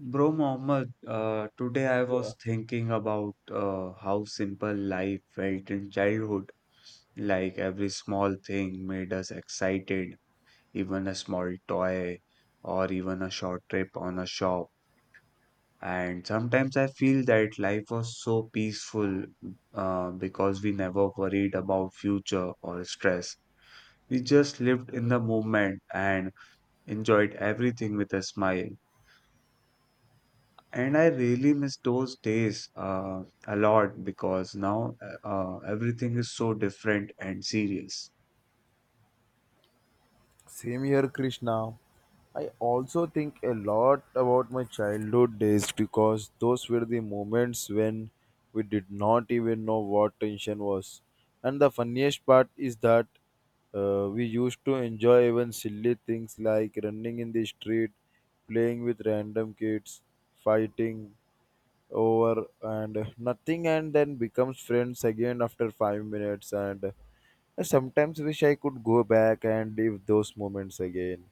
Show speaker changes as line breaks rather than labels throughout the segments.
Bro Mohammed, today I
Yeah.
was thinking about how simple life felt in childhood. Like every small thing made us excited, even a small toy or even a short trip on a shop. And sometimes I feel that life was so peaceful because we never worried about future or stress. We just lived in the moment and enjoyed everything with a smile. And I really miss those days a lot because now everything is so different and serious.
Same here, Krishna. I also think a lot about my childhood days, because those were the moments when we did not even know what tension was. And the funniest part is that we used to enjoy even silly things like running in the street, playing with random kids, fighting over and nothing, and then becomes friends again after 5 minutes. And I sometimes wish I could go back and live those moments again.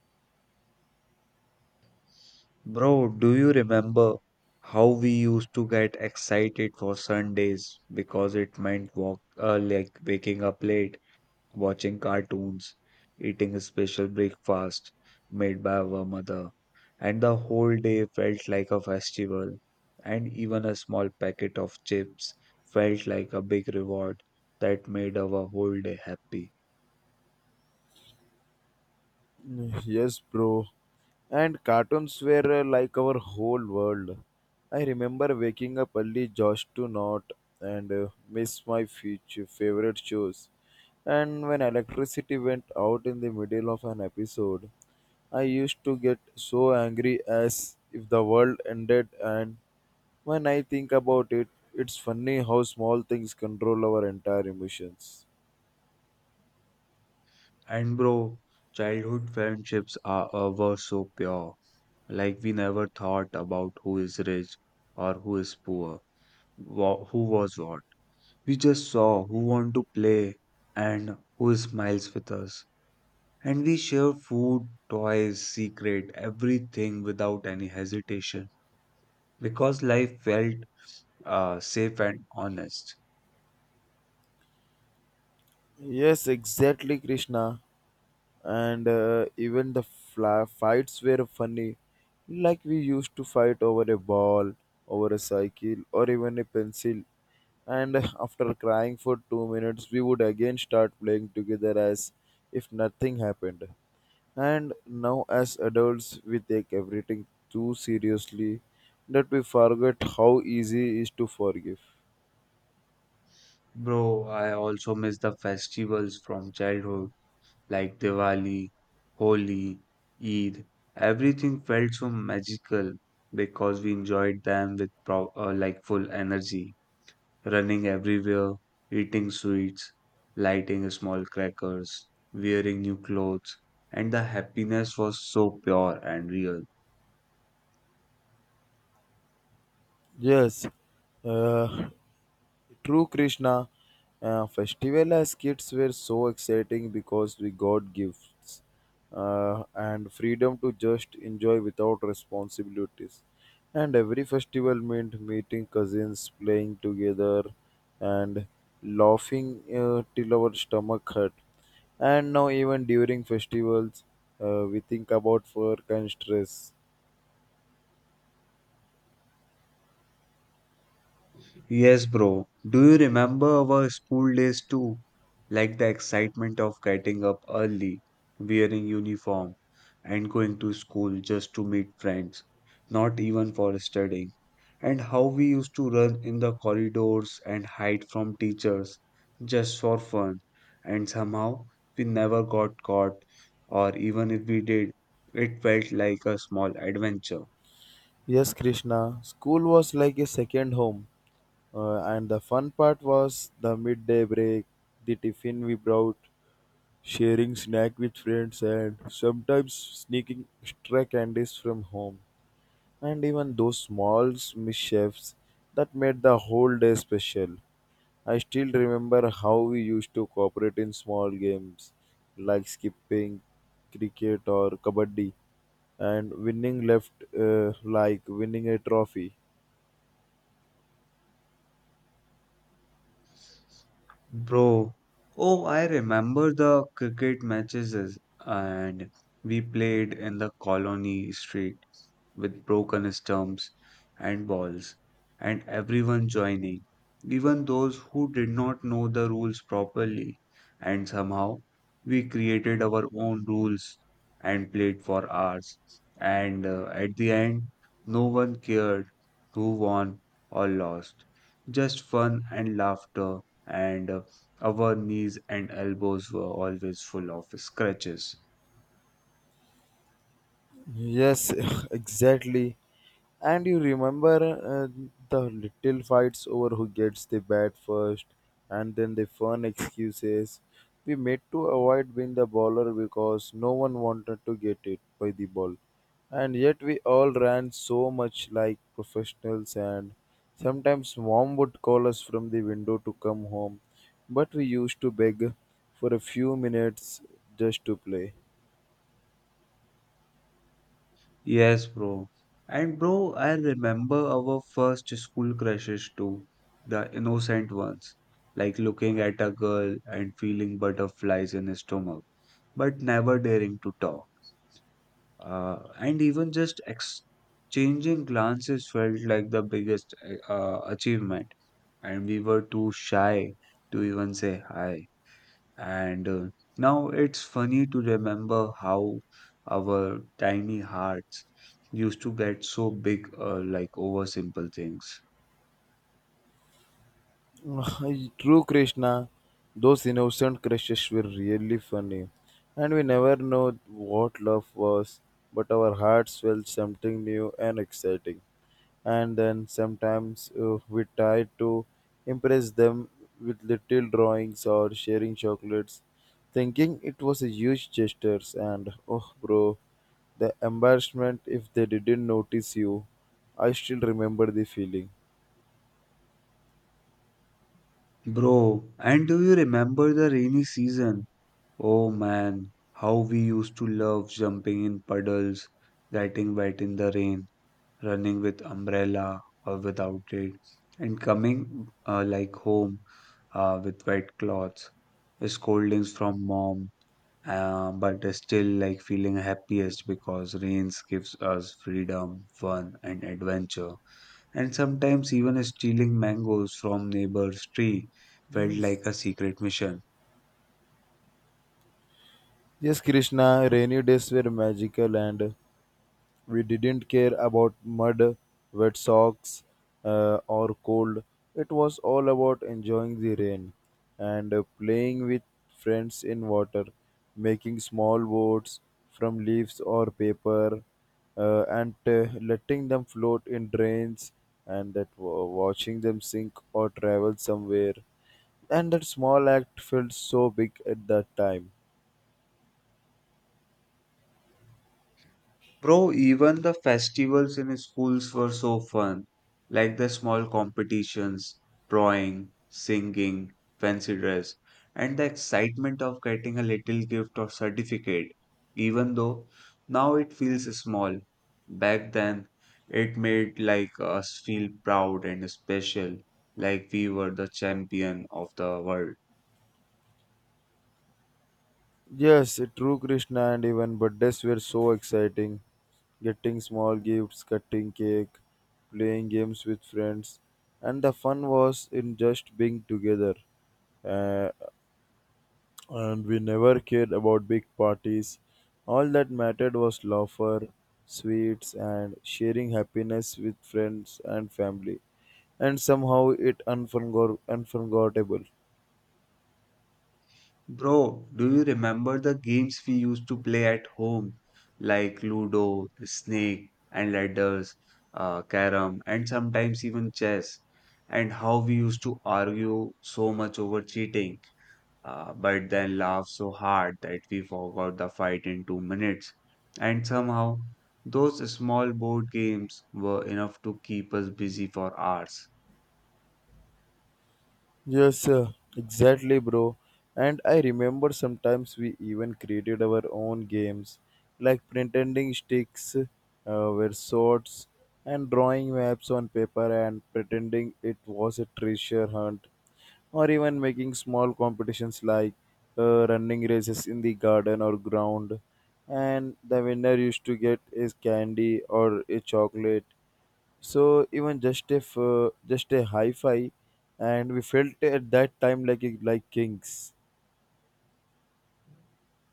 Bro, do you remember how we used to get excited for Sundays because it meant walk like waking up late, watching cartoons, eating a special breakfast made by our mother, and the whole day felt like a festival, and even a small packet of chips felt like a big reward that made our whole day happy.
Yes, bro, and cartoons were like our whole world. I remember waking up early just to not and miss my future favorite shows, and when electricity went out in the middle of an episode, I used to get so angry, as if the world ended. And when I think about it, it's funny how small things control our entire emotions.
And bro, childhood friendships are were so pure. Like we never thought about who is rich or who is poor, who was what. We just saw who want to play and who smiles with us. And we share food, toys, secret, everything without any hesitation because life felt safe and honest.
Yes, exactly, Krishna. And even the fights were funny. Like we used to fight over a ball, over a cycle, or even a pencil, and after crying for 2 minutes we would again start playing together as if nothing happened. And now as adults we take everything too seriously, that we forget how easy it is to forgive.
Bro, I also miss the festivals from childhood like Diwali, Holi, Eid. Everything felt so magical because we enjoyed them with pro like full energy. Running everywhere, eating sweets, lighting small crackers, wearing new clothes, and the happiness was so pure and real.
Yes, uh, true Krishna, festival as kids were so exciting because we got gifts, and freedom to just enjoy without responsibilities. And every festival meant meeting cousins, playing together, and laughing till our stomach hurt. And now, even during festivals, we think about work and stress.
Yes, bro. Do you remember our school days too? Like the excitement of getting up early, wearing uniform, and going to school just to meet friends, not even for studying. And how we used to run in the corridors and hide from teachers just for fun. And somehow we never got caught, or even if we did, it felt like a small adventure.
Yes, Krishna, school was like a second home. And the fun part was the midday break, the tiffin we brought, sharing snack with friends, and sometimes sneaking extra candies from home. And even those small mischiefs that made the whole day special. I still remember how we used to cooperate in small games like skipping, cricket, or kabaddi, and winning left like winning a trophy.
Bro, oh, I remember the cricket and we played in the colony street with broken stumps and balls and everyone joining, even those who did not know the rules properly. And somehow we created our own rules and played for hours. And at the end, no one cared who won or lost, just fun and laughter, and our knees and elbows were always full of scratches.
Yes, exactly. And you remember the little fights over who gets the bat first, and then the fun excuses we made to avoid being the bowler, because no one wanted to get it by the ball. And yet we all ran so much like professionals, and sometimes mom would call us from the window to come home, but we used to beg for a few minutes just to play.
Yes, bro. And bro, I remember our first school crushes too, the innocent ones, like looking at a girl and feeling butterflies in his stomach, but never daring to talk. And even just exchanging glances felt like the biggest achievement. And we were too shy to even say hi. And now it's funny to remember how our tiny hearts used to get so big, like over simple things.
True Krishna, those innocent crushes were really funny. And we never know what love was, but our hearts felt something new and exciting. And then sometimes we tried to impress them with little drawings or sharing chocolates, thinking it was a huge gesture. And oh, bro, the embarrassment if they didn't notice you. I still remember the feeling.
Bro, and do you remember the rainy season? Oh man, how we used to love jumping in puddles, getting wet in the rain, running with umbrella or without it, and coming like home with wet cloths, scoldings from mom, but still like feeling happiest because rains gives us freedom, fun, and adventure. And sometimes even stealing mangoes from neighbor's tree felt
Yes.
like a secret mission.
Yes, Krishna, rainy days were magical, and we didn't care about mud, wet socks, or cold. It was all about enjoying the rain and playing with friends in water, making small boats from leaves or paper, and letting them float in drains, and watching them sink or travel somewhere. And that small act felt so big at that time.
Bro, even the festivals in schools were so fun, like the small competitions, drawing, singing, fancy dress, and the excitement of getting a little gift or certificate, even though now it feels small. Back then, it made like us feel proud and special, like we were the champion of the world.
Yes, true Krishna, and even birthdays were so exciting. Getting small gifts, cutting cake, playing games with friends, and the fun was in just being together. Uh, and we never cared about big parties. All that mattered was laughter, sweets, and sharing happiness with friends and family. And somehow it unforgettable.
Bro, do you remember the games we used to play at home, like Ludo, Snake, and Ladders, Carrom, and sometimes even chess, and how we used to argue so much over cheating, but then laugh so hard that we forgot the fight in 2 minutes. And somehow, those small board games were enough to keep us busy for hours.
Yes, exactly, bro. And I remember sometimes we even created our own games, like pretending sticks were swords, and drawing maps on paper and pretending it was a treasure hunt, or even making small competitions like running races in the garden or ground. And the winner used to get a candy or a chocolate. So even just if just a hi-fi, and we felt at that time like kings.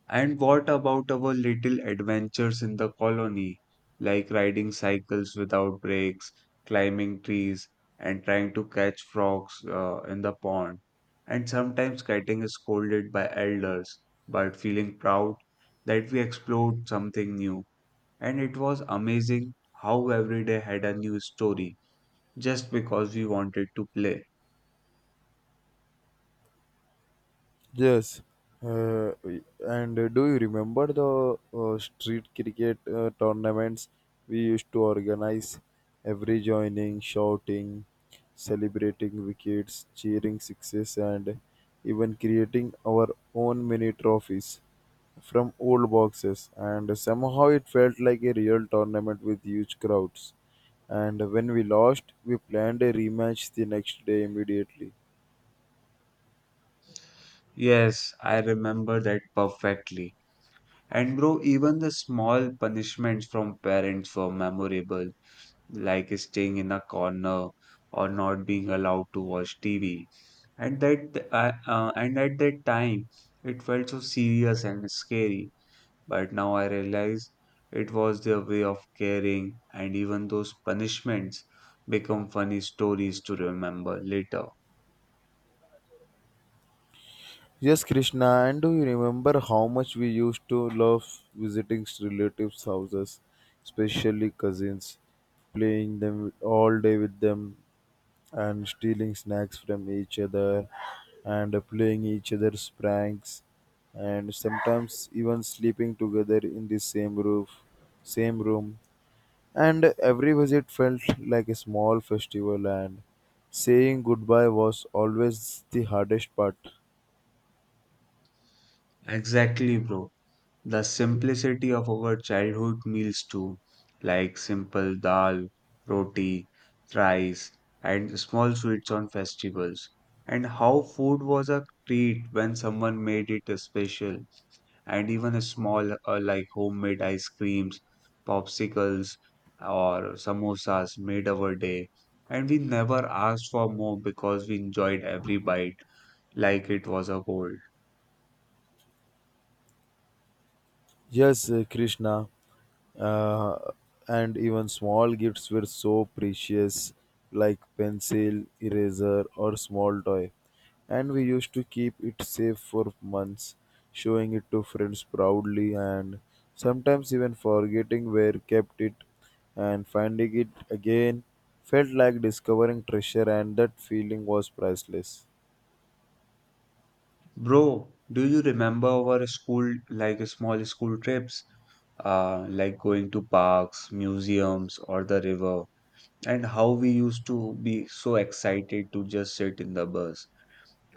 And what about our little adventures in the colony, like riding cycles without brakes, climbing trees, and trying to catch frogs in the pond, and sometimes getting scolded by elders, but feeling proud that we explored something new. And it was amazing how every day had a new story just because we wanted to play.
Yes. Uh, and Do you remember the street cricket tournaments we used to organize? Every joining, shouting, celebrating wickets, cheering sixes, and even creating our own mini trophies from old boxes, and somehow it felt like a real tournament with huge crowds. And when we lost, we planned a rematch the next day immediately.
Yes, I remember that perfectly. And bro, even the small punishments from parents were memorable, like staying in a corner or not being allowed to watch TV. And at that time, it felt so serious and scary. But now I realize it was their way of caring, and even those punishments become funny stories to remember later.
Yes, Krishna, and do you remember how much we used to love visiting relatives' houses, especially cousins, playing them all day with them, and stealing snacks from each other, and playing each other's pranks, and sometimes even sleeping together in the same roof, same room. And every visit felt like a small festival, and saying goodbye was always the hardest part.
Exactly, bro. The simplicity of our childhood meals too, like simple dal, roti, rice, and small sweets on festivals, and how food was a treat when someone made it special, and even a small like homemade ice creams, popsicles, or samosas made our day, and we never asked for more because we enjoyed every bite like it was a gold.
Yes, Krishna, uh, and even small gifts were so precious, like pencil, eraser, or small toy, and we used to keep it safe for months, showing it to friends proudly, and sometimes even forgetting where kept it, and finding it again felt like discovering treasure, and that feeling was priceless.
Bro, do you remember our school, like small school trips, like going to parks, museums, or the river, and how we used to be so excited to just sit in the bus,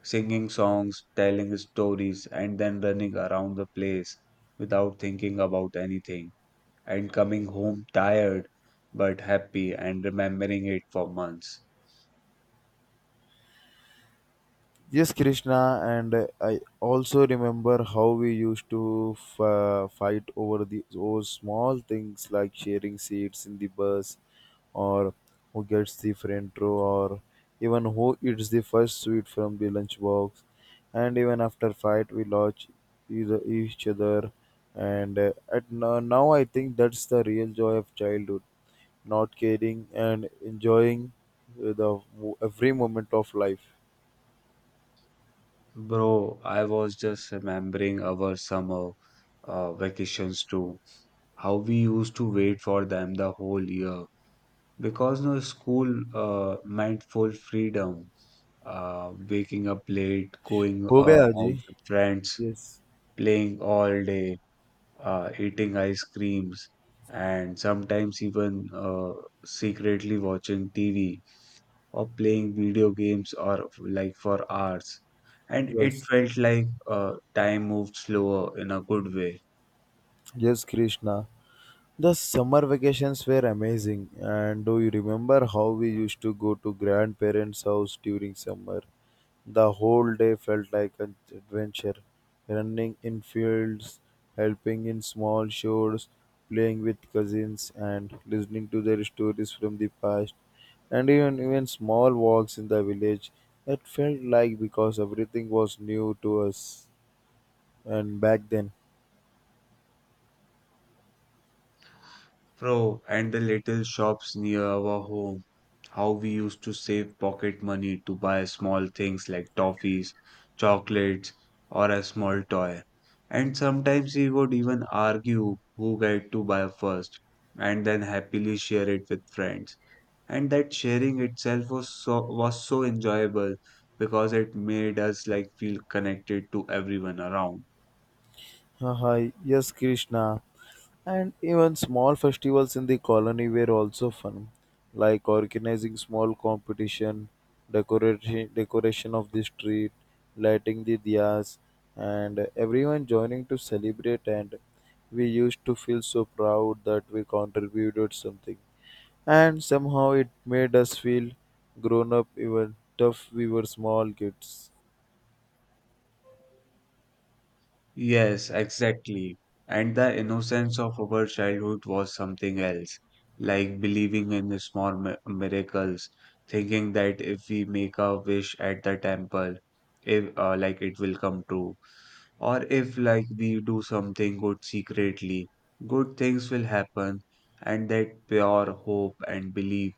singing songs, telling stories, and then running around the place without thinking about anything, and coming home tired but happy and remembering it for months.
Yes, Krishna, and I also remember how we used to fight over small things like sharing seats in the bus, or who gets the front row, or even who eats the first sweet from the lunchbox. And even after fight, we lodge either each other. And at no- now, I think that's the real joy of childhood, not caring and enjoying every moment of life.
Bro, I was just remembering our summer vacations too. How we used to wait for them the whole year because no school meant full freedom. Waking up late, going
हो
uh,
गया जी.
out with friends,
Yes,
playing all day, eating ice creams, and sometimes even secretly watching TV or playing video games or like for hours. And it
yes,
felt like time moved slower in a good way.
yes, Krishna. The summer vacations were amazing. And do you remember how we used to go to grandparents' house during summer? The whole day felt like an adventure. Running in fields, helping in small chores, playing with cousins, and listening to their stories from the past, and even small walks in the village. It felt like, because everything was new to us and back then.
Bro, and the little shops near our home, how we used to save pocket money to buy small things like toffees, chocolates, or a small toy. And sometimes we would even argue who got to buy first and then happily share it with friends. And that sharing itself was so enjoyable because it made us like feel connected to everyone around.
Hi, yes, Krishna. And even small festivals in the colony were also fun, like organizing small competition, decoration of the street, lighting the diyas, and everyone joining to celebrate. And we used to feel so proud that we contributed something, and somehow it made us feel grown up, even tough we were small kids.
Yes, exactly. And the innocence of our childhood was something else, like believing in the miracles, thinking that if we make a wish at the temple, if like it will come true. Or if, like, we do something good secretly, good things will happen, and that pure hope and belief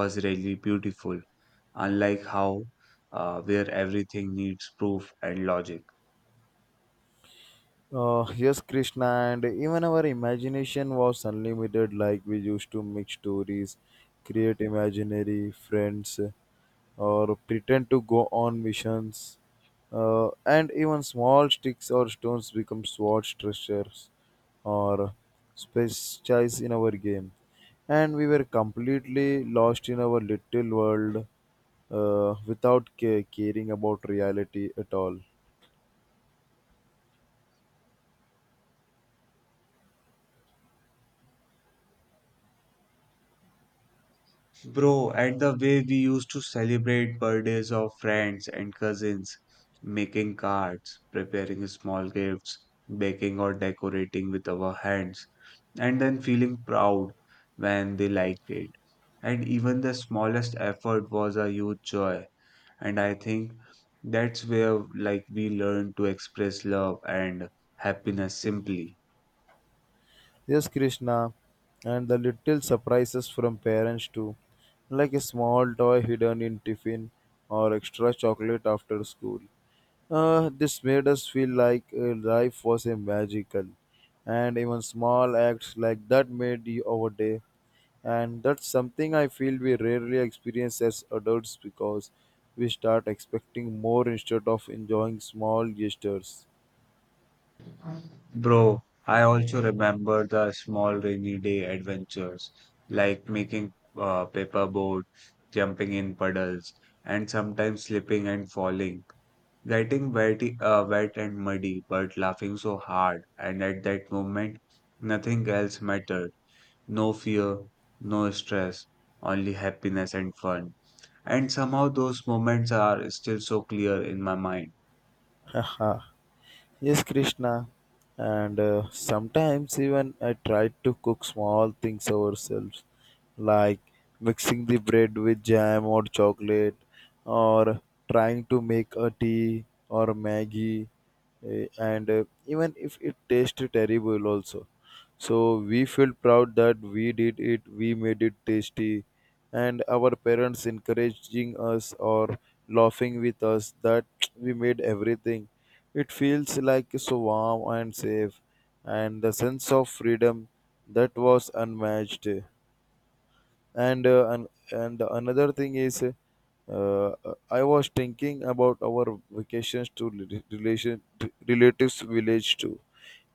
was really beautiful, unlike how, where everything needs proof and logic.
Yes, Krishna, and even our imagination was unlimited. Like we used to make stories, create imaginary friends, or pretend to go on missions. And even small sticks or stones become swords, treasures, or specialize in our game. And we were completely lost in our little world, without caring about reality at all.
Bro, and the way we used to celebrate birthdays of friends and cousins, making cards, preparing small gifts, baking or decorating with our hands, and then feeling proud when they liked it. And even the smallest effort was a huge joy. And I think that's where like we learn to express love and happiness simply.
Yes, Krishna, and the little surprises from parents too, like a small toy hidden in tiffin or extra chocolate after school. This made us feel like life was a magical, and even small acts like that made our day. And that's something I feel we rarely experience as adults, because we start expecting more instead of enjoying small gestures.
Bro, I also remember the small rainy day adventures, like making paperboard, jumping in puddles, and sometimes slipping and falling, getting wet and muddy, but laughing so hard. And at that moment, nothing else mattered. No fear, no stress, only happiness and fun. And somehow those moments are still so clear in my mind.
Yes, Krishna. And sometimes even I try to cook small things ourselves, like mixing the bread with jam or chocolate, or trying to make a tea or Maggi. Eh, and even if it tastes terrible, also. So we feel proud that we did it, we made it tasty, and our parents encouraging us or laughing with us that we made everything. It feels like so warm and safe, and the sense of freedom that was unmatched. And and another thing is, I was thinking about our vacations to rel- relation relatives village too,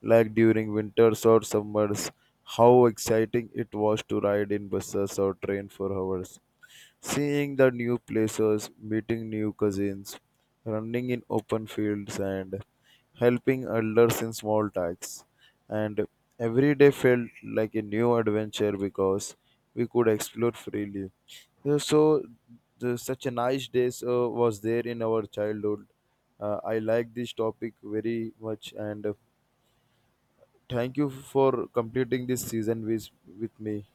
like during winters or summers. How exciting it was to ride in buses or train for hours, seeing the new places, meeting new cousins, running in open fields, and helping elders in small tasks. And every day felt like a new adventure, because we could explore freely. So, such a nice days was there in our childhood. I like this topic very much, and thank you for completing this season with me.